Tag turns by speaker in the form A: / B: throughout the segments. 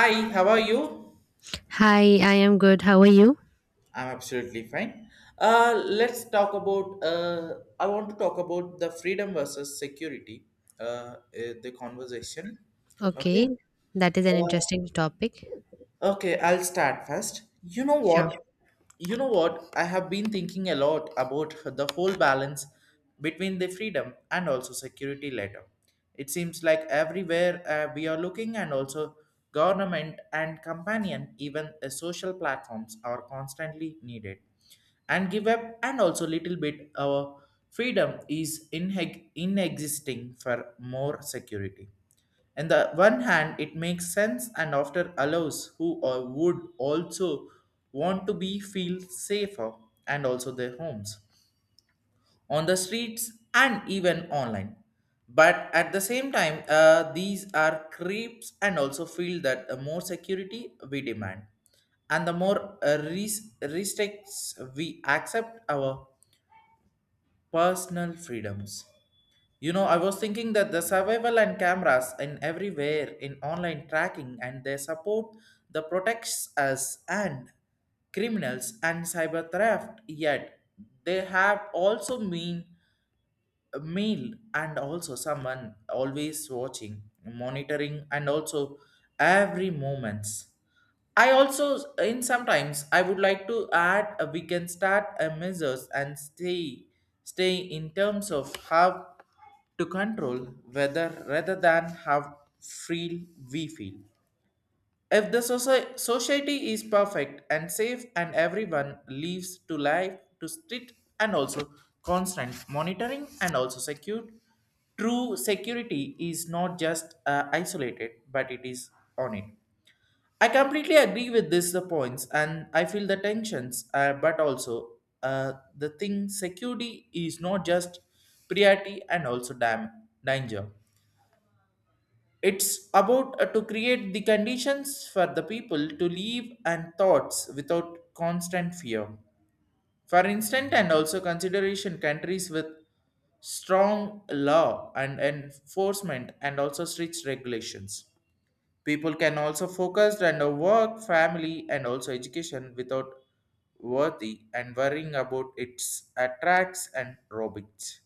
A: Hi, how are you?
B: Hi, I am good. How are you?
A: I'm absolutely fine. Let's talk about. I want to talk about the freedom versus security. The conversation.
B: Okay,
A: Okay.
B: that is an
A: Uh,
B: interesting topic.
A: Okay, I'll start first. You know
B: Sure.
A: what? I have been thinking a lot about the whole balance between the freedom and also security letter. It seems like everywhere we are looking, and also government and companion, even social platforms are constantly needed. And give up, and also little bit our freedom is in inexisting for more security on the one hand, it makes sense and often allows who or would also want to be feel safer and also their homes on the streets and even online. But at the same time, these are creeps and also feel that the more security we demand and the more restricts we accept our personal freedoms. You know, I was thinking that the survival and cameras in everywhere in online tracking and their support the protects us and criminals and cyber theft. Yet they have also mean a meal and also someone always watching, monitoring and also every moments. I also, in sometimes, I would like to add we can start a measures and stay in terms of how to control whether rather than how free we feel. If the society is perfect and safe and everyone lives to life to strict and also constant monitoring and also secure, true security is not just isolated but it is on it. I completely agree with this the points and I feel the tensions but also the thing security is not just priority and also danger it's about to create the conditions for the people to live and thoughts without constant fear for instance and also consideration countries with strong law and enforcement and also strict regulations. People can also focus on the work, family, and also education without worthy and worrying about its attracts and robots.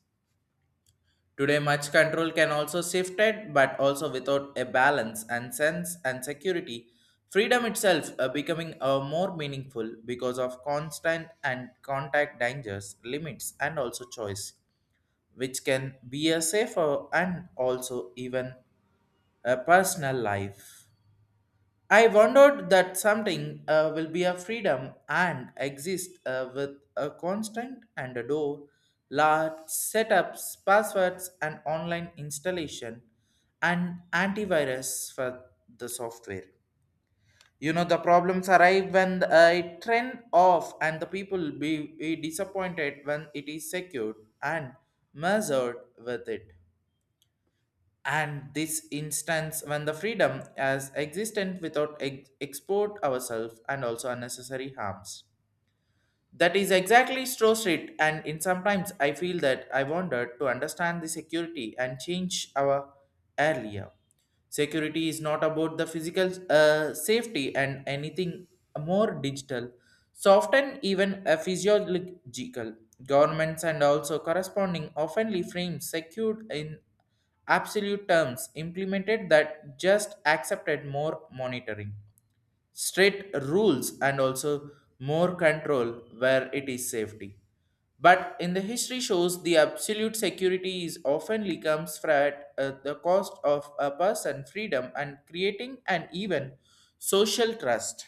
A: Today, much control can also shifted, but also without a balance and sense and security. Freedom itself becoming more meaningful because of constant and contact dangers, limits, and also choice, which can be a safer and also even a personal life. I wondered that something will be a freedom and exist with a constant and a door, large setups, passwords, and online installation, and antivirus for the software. You know the problems arrive when I trend off, and the people be disappointed when it is secured and measured with it and this instance when the freedom as existent without export ourselves and also unnecessary harms that is exactly Stroh Street, and in sometimes I feel that I wanted to understand the security and change our earlier. Security is not about the physical safety and anything more digital, soft and even a physiological. Governments and also corresponding oftenly frame secured in absolute terms implemented that just accepted more monitoring strict rules and also more control where it is safety. But in the history shows, the absolute security is often comes at the cost of a person freedom and creating an even social trust.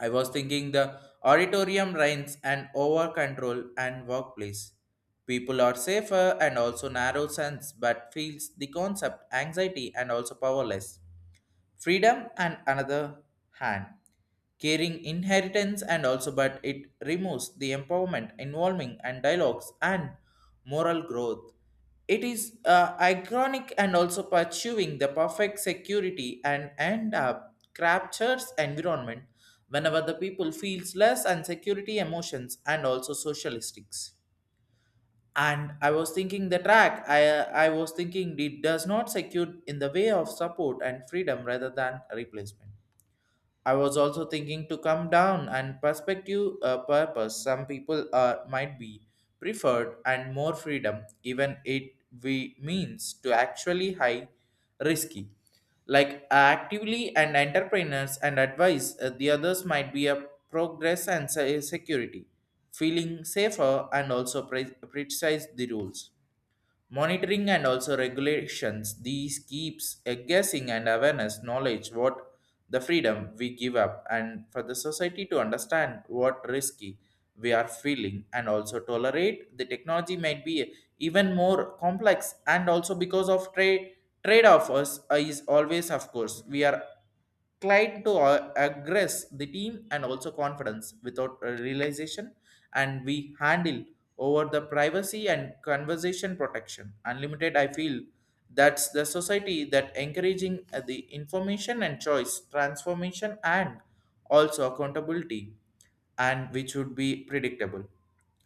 A: I was thinking the auditorium reigns and over control and workplace. People are safer and also narrow sense, but feels the concept anxiety and also powerless freedom and another hand carrying inheritance and also but it removes the empowerment involving and dialogues and moral growth. It is ironic and also pursuing the perfect security and end up captures environment whenever the people feels less and security emotions and also socialistics. And I was thinking it does not secure in the way of support and freedom rather than replacement. I was also thinking to come down and perspective purpose. Some people are might be preferred and more freedom, even it we means to actually high risky. Like actively and entrepreneurs and advice, the others might be a progress and security, feeling safer and also precise the rules monitoring and also regulations these keeps a guessing and awareness knowledge what the freedom we give up and for the society to understand what risky we are feeling and also tolerate the technology might be even more complex and also because of trade offers is always of course we are Clyde to aggress the team and also confidence without a realization, and we handle over the privacy and conversation protection. Unlimited, I feel that's the society that encouraging the information and choice transformation and also accountability, and which would be predictable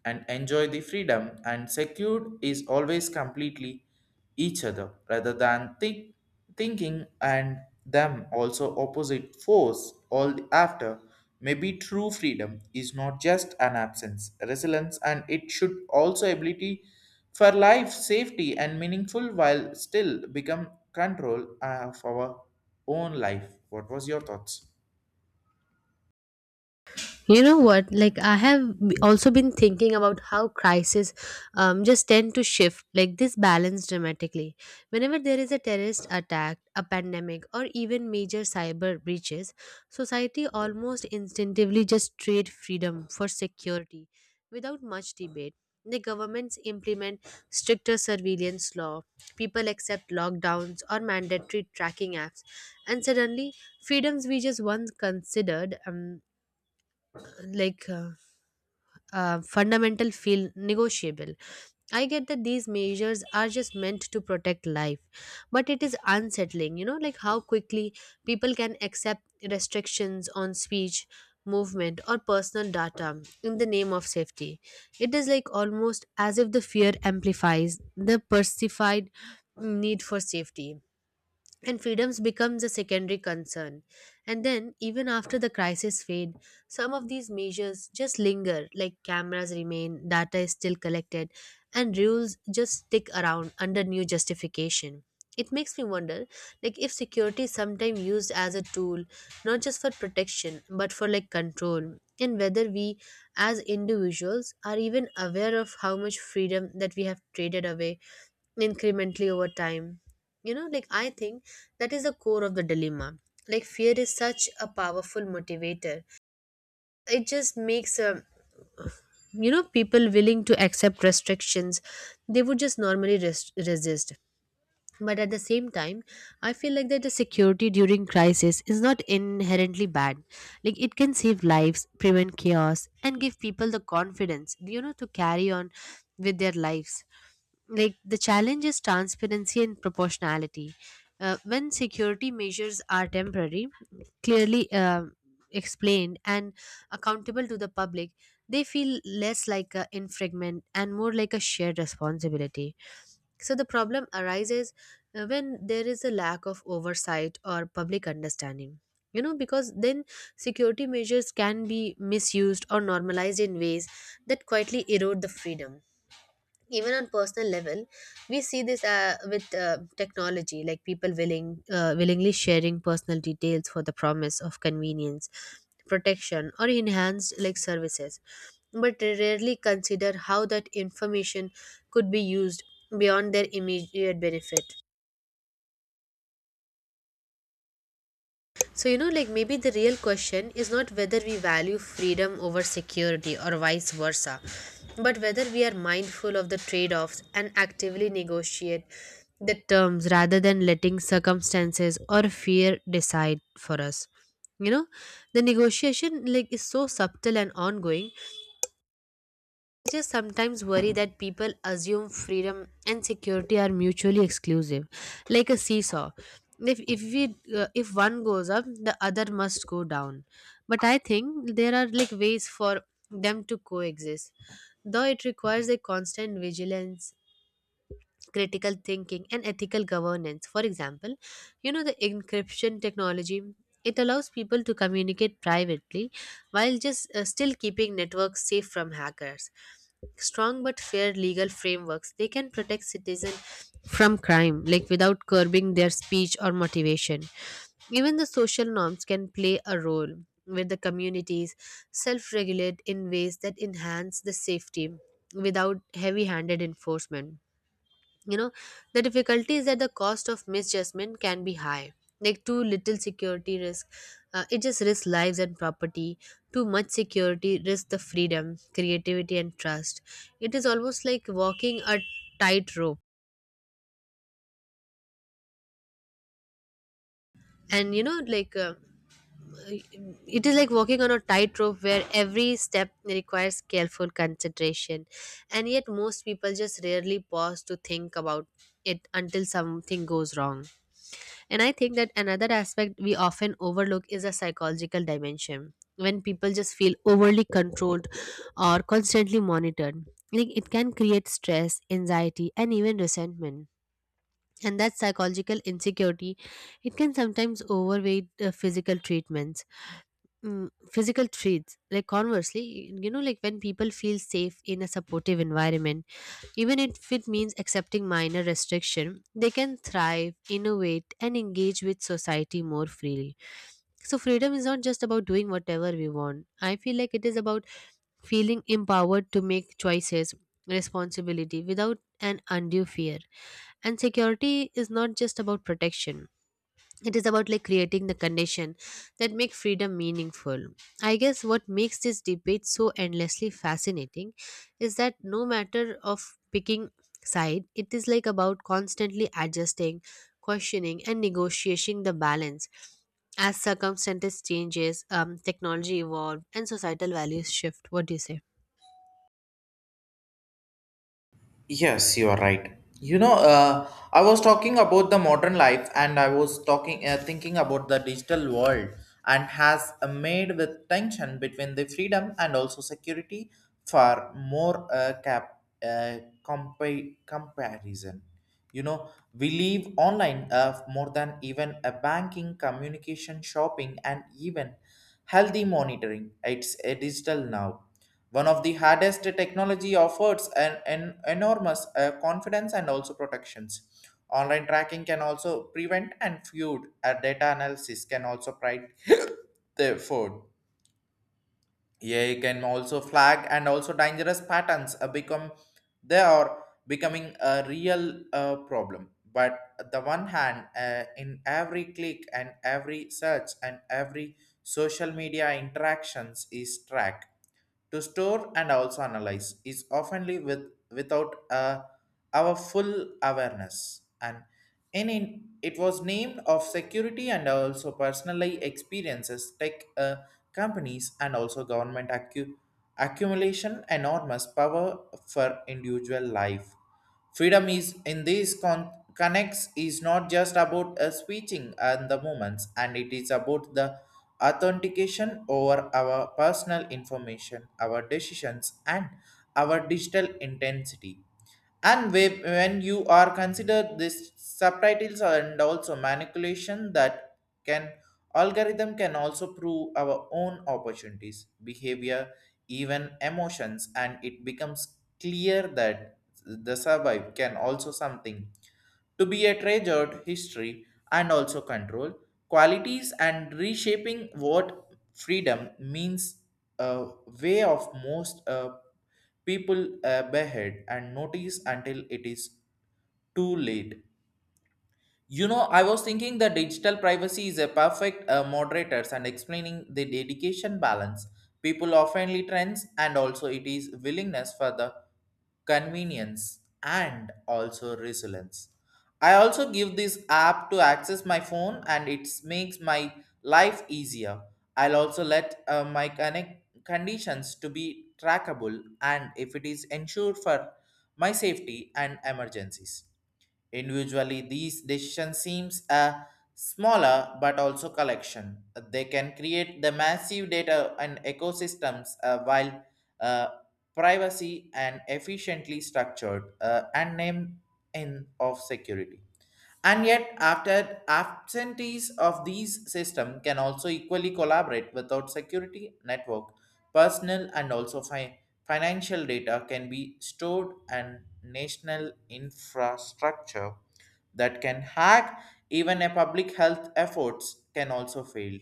A: and enjoy the freedom and secured is always completely each other rather than thinking and them also opposite force all the after. Maybe true freedom is not just an absence resilience and it should also ability for life safety and meaningful while still become control of our own life. What was your thoughts?
B: You know what? I have also been thinking about how crises just tend to shift, this balance dramatically. Whenever there is a terrorist attack, a pandemic, or even major cyber breaches, society almost instinctively just trade freedom for security without much debate. The governments implement stricter surveillance law, people accept lockdowns or mandatory tracking apps, and suddenly freedoms we just once considered like uh, fundamental feel negotiable. I get that these measures are just meant to protect life, but it is unsettling, you know, like how quickly people can accept restrictions on speech, movement, or personal data in the name of safety. It is like almost as if the fear amplifies the perceived need for safety, and freedoms becomes a secondary concern. And then, even after the crisis fade, some of these measures just linger, like cameras remain, data is still collected, and rules just stick around under new justification. It makes me wonder, like, if security is sometimes used as a tool not just for protection but for like control, and whether we as individuals are even aware of how much freedom that we have traded away incrementally over time. You know, like I think that is the core of the dilemma. Like, fear is such a powerful motivator. It just makes you know, people willing to accept restrictions they would just normally resist. But at the same time, I feel like that the security during crisis is not inherently bad. Like, it can save lives, prevent chaos, and give people the confidence, you know, to carry on with their lives. Like, the challenge is transparency and proportionality. When security measures are temporary, clearly explained, and accountable to the public, they feel less like a infringement and more like a shared responsibility. So the problem arises when there is a lack of oversight or public understanding. You know, because then security measures can be misused or normalized in ways that quietly erode the freedom. Even on personal level, we see this with technology, like people willingly sharing personal details for the promise of convenience, protection, or enhanced like services, but they rarely consider how that information could be used beyond their immediate benefit. So, you know, like maybe the real question is not whether we value freedom over security or vice versa, but whether we are mindful of the trade offs and actively negotiate the terms rather than letting circumstances or fear decide for us. You know, the negotiation like is so subtle and ongoing. I just sometimes worry that people assume freedom and security are mutually exclusive, like a seesaw. If we if one goes up, the other must go down. But I think there are like ways for them to coexist, though it requires a constant vigilance, critical thinking, and ethical governance. For example, you know, the encryption technology, it allows people to communicate privately while just still keeping networks safe from hackers. Strong but fair legal frameworks, they can protect citizens from crime, like without curbing their speech or motivation. Even the social norms can play a role, where the communities self-regulate in ways that enhance the safety without heavy-handed enforcement. You know, the difficulty is that the cost of misjudgment can be high. Like, too little security risk it just risks lives and property. Too much security risks the freedom, creativity, and trust. It is almost like walking a tightrope. And, you know, it is like walking on a tightrope where every step requires careful consideration, and yet most people just rarely pause to think about it until something goes wrong. And I think that another aspect we often overlook is a psychological dimension. When people just feel overly controlled or constantly monitored, like it can create stress, anxiety, and even resentment. And that psychological insecurity, it can sometimes overweight the physical treatments, physical treats. Like conversely, you know, like when people feel safe in a supportive environment, even if it means accepting minor restriction, they can thrive, innovate, and engage with society more freely. So freedom is not just about doing whatever we want. I feel like it is about feeling empowered to make choices, responsibility without an undue fear. And security is not just about protection. It is about like creating the condition that make freedom meaningful. I guess what makes this debate so endlessly fascinating is that no matter of picking side, it is like about constantly adjusting, questioning, and negotiating the balance as circumstances changes, technology evolved, and societal values shift. What do you say?
A: Yes, you are right. You know, I was talking about the modern life, and I was talking, thinking about the digital world, and has made with tension between the freedom and also security for more comparison. You know, we live online more than even a banking, communication, shopping, and even healthy monitoring. It's a digital now one of the hardest technology offers an enormous confidence and also protections. Online tracking can also prevent and feud. A data analysis can also pride the fraud. AI can also flag and also dangerous patterns become they are becoming a real problem. But the one hand, in every click and every search and every social media interactions is tracked to store and also analyze is oftenly with without our full awareness and in it was named of security and also personally experiences tech companies and also government accumulation enormous power for individual life. Freedom is in these connects is not just about switching and the moments, and it is about the authentication over our personal information, our decisions, and our digital intensity. And when you are considered this subtitles and also manipulation that can algorithm can also prove our own opportunities, behavior, even emotions, and it becomes clear that the survive can also something to be a treasured history and also control qualities and reshaping what freedom means a way of most people behead and notice until it is too late. You know, I was thinking that digital privacy is a perfect moderators and explaining the dedication balance. People oftenly trends and also it is willingness for the convenience and also resilience. I also give this app to access my phone and it makes my life easier. I'll also let my connect conditions to be trackable and if it is ensured for my safety and emergencies. Individually, these decisions seems a smaller but also collection. They can create the massive data and ecosystems while uh, privacy and efficiently structured and name in of security. And yet, after absentees of these systems can also equally collaborate without security network, personal and also financial data can be stored and national infrastructure that can hack even a public health efforts can also fail.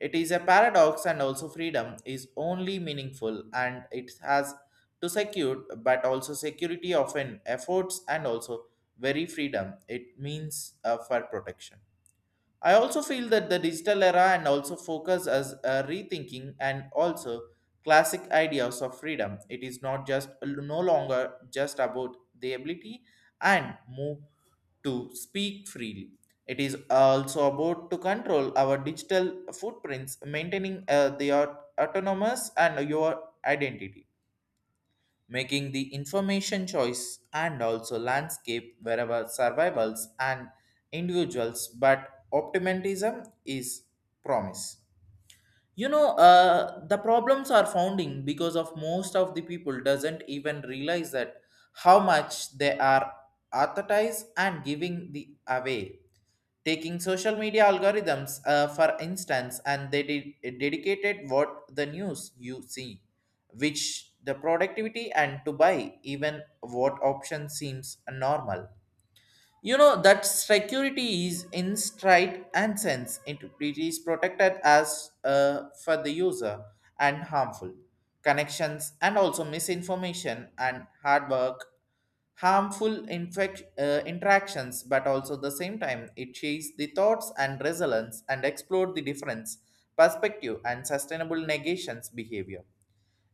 A: It is a paradox, and also freedom is only meaningful and it has to secure, but also security often efforts and also very freedom. It means for protection. I also feel that the digital era and also focus as a rethinking and also classic ideas of freedom. It is not just no longer just about the ability and move to speak freely. It is also about to control our digital footprints, maintaining their autonomous and your identity making the information choice and also landscape wherever survivals and individuals but optimism is promise. You know the problems are founding because of most of the people doesn't even realize that how much they are advertised and giving the away taking social media algorithms for instance and they dedicated what the news you see which the productivity and to buy even what option seems normal. You know that security is in stride and sense it is protected as for the user and harmful connections and also misinformation and hard work harmful interactions, but also the same time it shapes the thoughts and resilience and explore the difference, perspective, and sustainable negations behavior.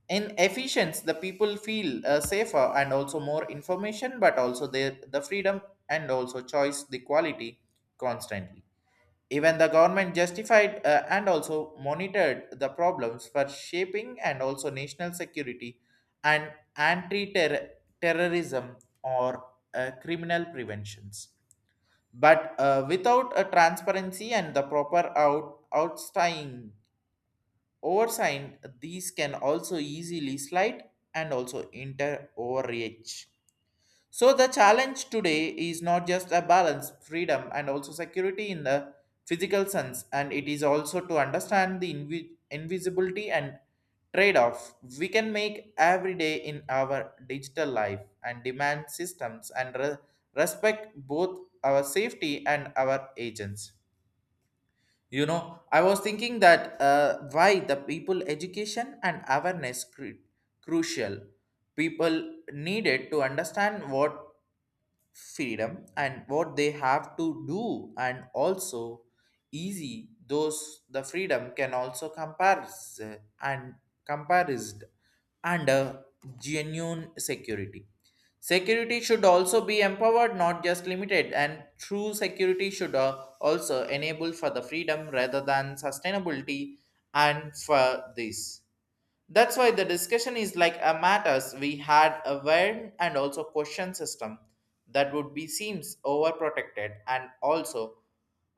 A: In efficiency, the people feel safer and also more information, but also the freedom and also choice the quality constantly. Even the government justified and also monitored the problems for shaping and also national security and anti terrorism or criminal preventions. But without a transparency and the proper outstaying oversight, these can also easily slide and also enter overreach. So the challenge today is not just a balance, freedom, and also security in the physical sense, and it is also to understand the invisibility and trade-off we can make every day in our digital life and demand systems and respect both our safety and our agents. You know, I was thinking that why the people education and awareness crucial. People needed to understand what freedom and what they have to do and also easy those the freedom can also compares and comparised under genuine security security should also be empowered not just limited and true security should also enable for the freedom rather than sustainability and for this that's why the discussion is like a matters we had a warm and also question system that would be seems overprotected and also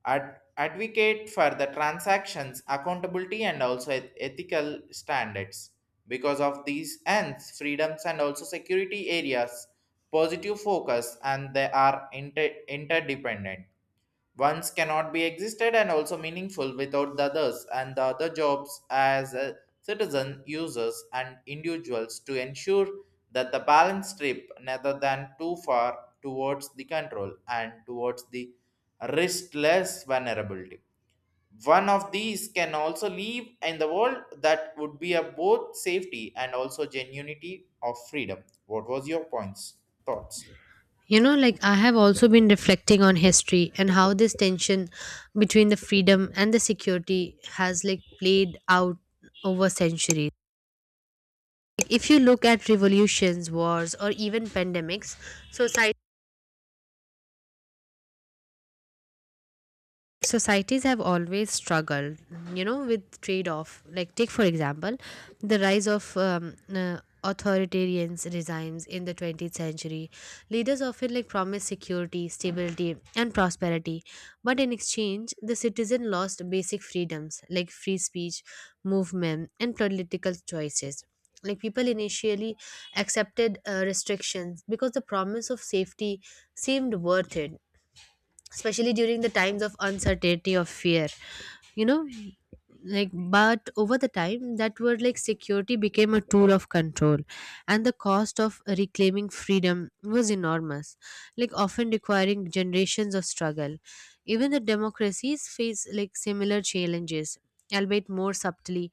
A: advocate for the transactions accountability and also ethical standards. Because of these ends, freedoms and also security areas, positive focus and they are interdependent. Ones cannot be existed and also meaningful without the others and the other jobs as a citizen, users, and individuals to ensure that the balance strip rather than too far towards the control and towards the riskless vulnerability. One of these can also live in the world that would be a both safety and also genuinity of freedom. What was your points, thoughts?
B: You know, like I have also been reflecting on history and how this tension between the freedom and the security has like played out over centuries. Like, if you look at revolutions, wars, or even pandemics, society societies have always struggled, you know, with trade off. Like, take for example the rise of authoritarian regimes in the 20th century. Leaders often like promise security, stability, and prosperity, but in exchange the citizen lost basic freedoms, like free speech, movement, and political choices. Like, people initially accepted restrictions because the promise of safety seemed worth it, especially during the times of uncertainty or fear. You know, like, but over the time, that word like security became a tool of control, and the cost of reclaiming freedom was enormous, like often requiring generations of struggle. Even the democracies face like similar challenges, albeit more subtly.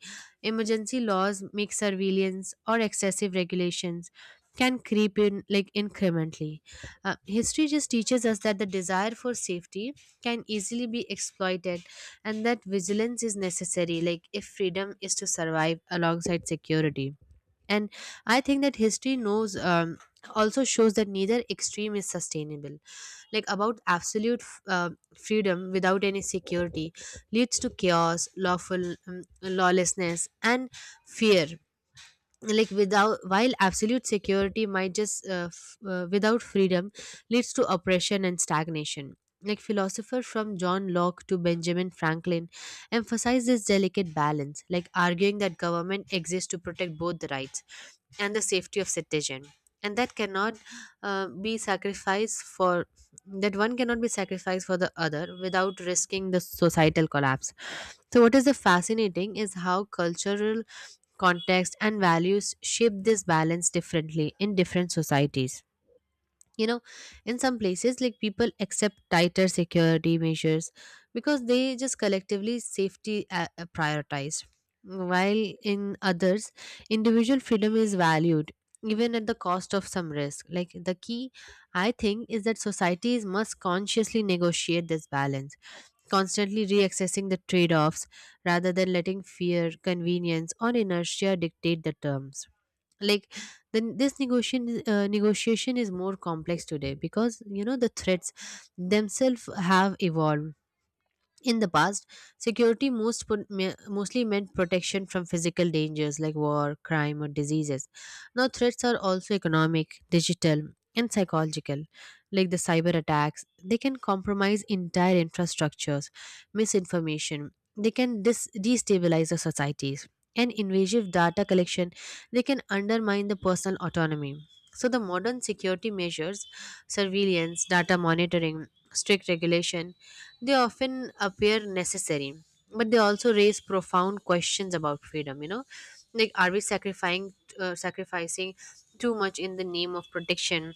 B: Emergency laws, make surveillance, or excessive regulations can creep in like incrementally. History just teaches us that the desire for safety can easily be exploited, and that vigilance is necessary, like if freedom is to survive alongside security. And I think that history knows, also shows that neither extreme is sustainable. Like, about absolute freedom without any security leads to chaos, lawful lawlessness, and fear. Like, without, while absolute security might without freedom leads to oppression and stagnation. Like, philosophers from John Locke to Benjamin Franklin emphasize this delicate balance, like arguing that government exists to protect both the rights and the safety of citizen, and that cannot be sacrificed for that one cannot be sacrificed for the other without risking the societal collapse. So what is the fascinating is how cultural context and values shape this balance differently in different societies. You know, in some places, like people accept tighter security measures because they just collectively safety prioritized, while in others, individual freedom is valued even at the cost of some risk. Like, the key, I think, is that societies must consciously negotiate this balance, constantly reaccessing the trade-offs rather than letting fear, convenience, or inertia dictate the terms. Like, then this negotiation is more complex today because, you know, the threats themselves have evolved. In the past, security mostly meant protection from physical dangers like war, crime, or diseases. Now, threats are also economic, digital, and psychological. Like the cyber attacks, they can compromise entire infrastructures, misinformation, they can destabilize the societies, and invasive data collection, they can undermine the personal autonomy. So, the modern security measures, surveillance, data monitoring, strict regulation, they often appear necessary, but they also raise profound questions about freedom. You know, like, are we sacrificing too much in the name of protection?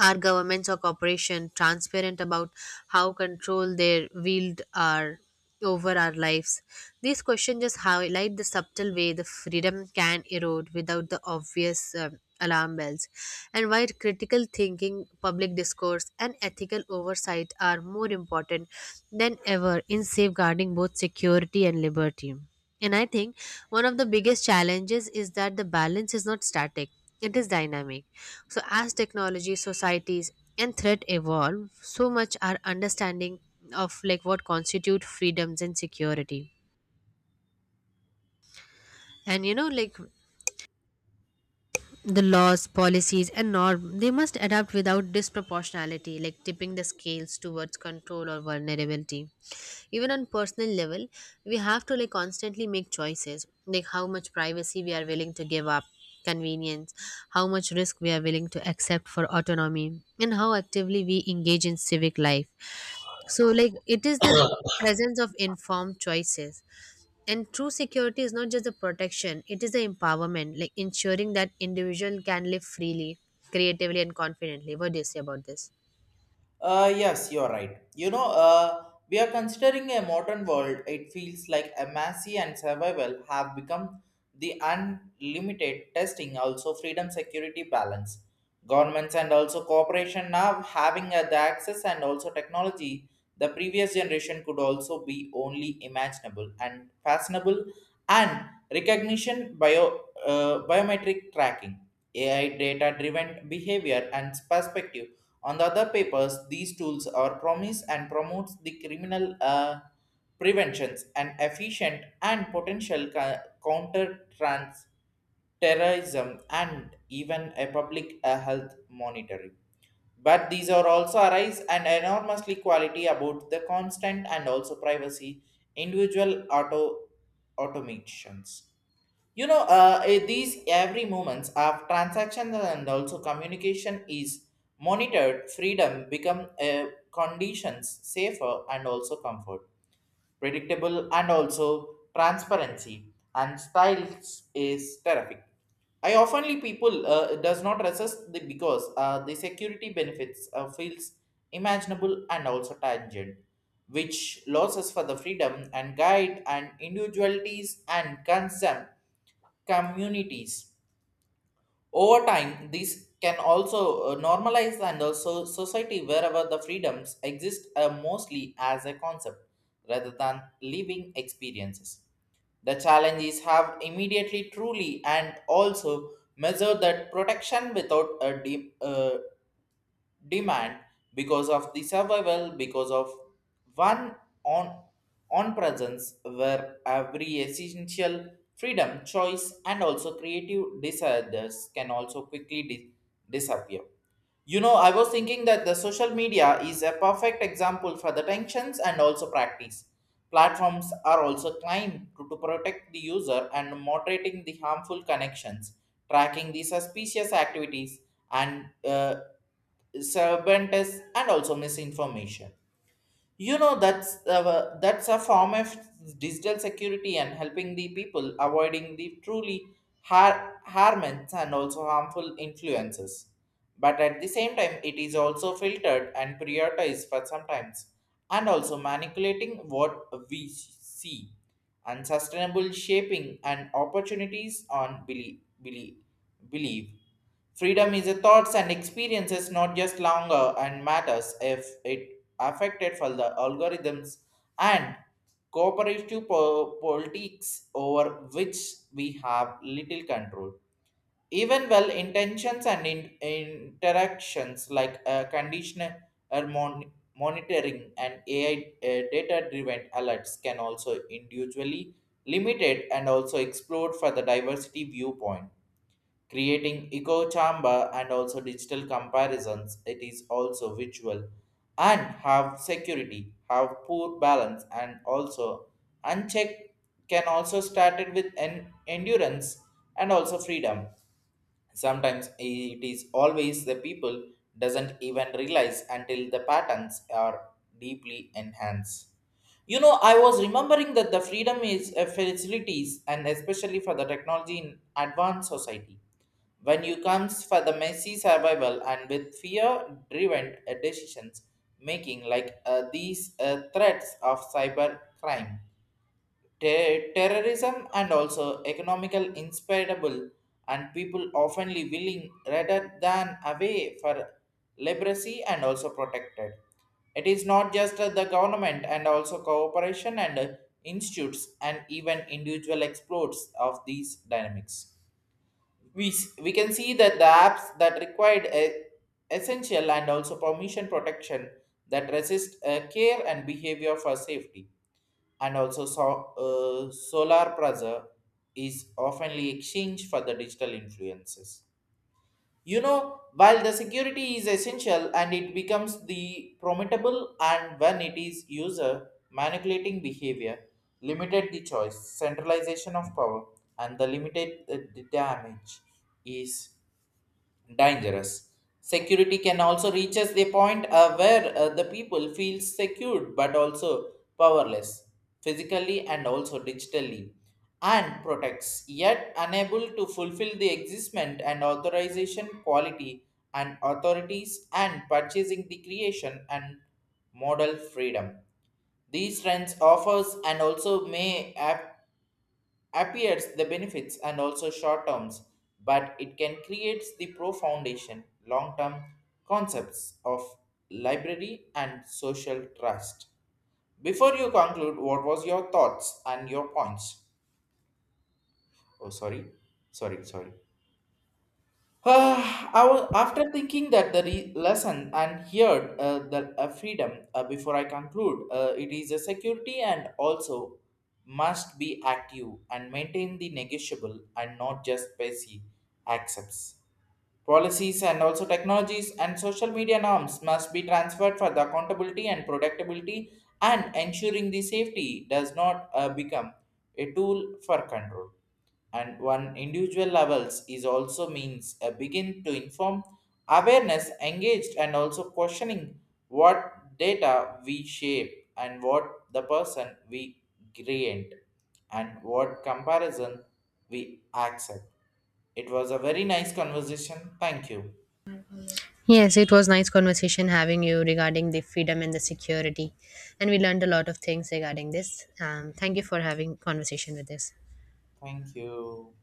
B: Are governments or corporations transparent about how control they wield are over our lives? These questions just highlight the subtle way the freedom can erode without the obvious alarm bells, and why critical thinking, public discourse, and ethical oversight are more important than ever in safeguarding both security and liberty. And I think one of the biggest challenges is that the balance is not static, it is dynamic. So, as technology, societies, and threat evolve, so much our understanding of like what constitute freedoms and security. And you know, like the laws, policies, and norm, they must adapt without disproportionality, like tipping the scales towards control or vulnerability. Even on personal level, we have to like constantly make choices, like how much privacy we are willing to give up convenience, how much risk we are willing to accept for autonomy, and how actively we engage in civic life. So like it is the presence of informed choices, and true security is not just the protection, it is the empowerment, like ensuring that individual can live freely, creatively, and confidently. What do you say about this?
A: Yes, you're right. We are considering a modern world. It feels like MSC and survival have become the unlimited testing, also freedom, security, balance. Governments and also cooperation now having the access and also technology the previous generation could also be only imaginable and fashionable and recognition bio biometric tracking, AI data driven behavior and perspective on the other papers, these tools are promise and promotes the criminal preventions and efficient and potential counter trans terrorism and even a public health monitoring. But these are also arise and enormously quality about the constant and also privacy individual automations. These every moments of transaction and also communication is monitored. Freedom become conditions safer and also comfort predictable, and also transparency. And styles is terrific. I oftenly people does not resist the because the security benefits feels imaginable and also tangent, which losses for the freedom and guide and individualities and concern communities. Over time, these can also normalize and also society wherever the freedoms exist mostly as a concept rather than living experiences. The challenge is have immediately truly and also measure that protection without a deep, demand because of the survival because of one on on presence where every essential freedom choice and also creative desires can also quickly disappear. You know, I was thinking that the social media is a perfect example for the tensions and also practice platforms are also claimed to protect the user and moderating the harmful connections tracking the suspicious activities and sabotage and also misinformation. You know that's a form of digital security and helping the people avoiding the truly harmful and also harmful influences, but at the same time it is also filtered and prioritized for sometimes and also manipulating what we see unsustainable shaping and opportunities on believe. Freedom is a thoughts and experiences, not just longer and matters if it affected for the algorithms and cooperative politics over which we have little control. Even well intentions and interactions like conditioner or monitoring and AI data driven alerts can also individually limited and also explored for the diversity viewpoint creating echo chamber and also digital comparisons it is also visual and have security have poor balance and also unchecked can also started with an endurance and also freedom. Sometimes it is always the people doesn't even realize until the patterns are deeply enhanced. You know, I was remembering that the freedom is a facilities and especially for the technology in advanced society. When you comes for the messy survival and with fear-driven decisions making like these threats of cyber crime, terrorism and also economical inspirable and people oftenly willing rather than away for liberacy and also protected. It is not just the government and also cooperation and institutes and even individual explorers of these dynamics. We can see that the apps that required a, essential and also permission protection that resist care and behavior for safety and also so, solar plaza is oftenly exchanged for the digital influences. You know, while the security is essential and it becomes the promotable and when it is user manipulating behavior limited the choice centralization of power and the limited the damage is dangerous. Security can also reach us a point where the people feel secured but also powerless, physically and also digitally, and protects, yet unable to fulfill the existment and authorization quality and authorities and purchasing the creation and model freedom. These trends offers and also may have appears the benefits and also short terms, but it can create the pro foundation long term concepts of library and social trust. Before you conclude, what was your thoughts and your points? Oh, sorry, sorry. I was, after thinking that the lesson and heard the freedom before I conclude, it is a security and also must be active and maintain the negotiable and not just passive accepts. Policies and also technologies and social media norms must be transferred for the accountability and predictability and ensuring the safety does not become a tool for control and one individual levels is also means a begin to inform awareness engaged and also questioning what data we shape and what the person we create and what comparison we accept. It was a very nice conversation. Thank you.
B: Yes, it was nice conversation having you regarding the freedom and the security. And we learned a lot of things regarding this. Thank you for having conversation with this.
A: Thank you.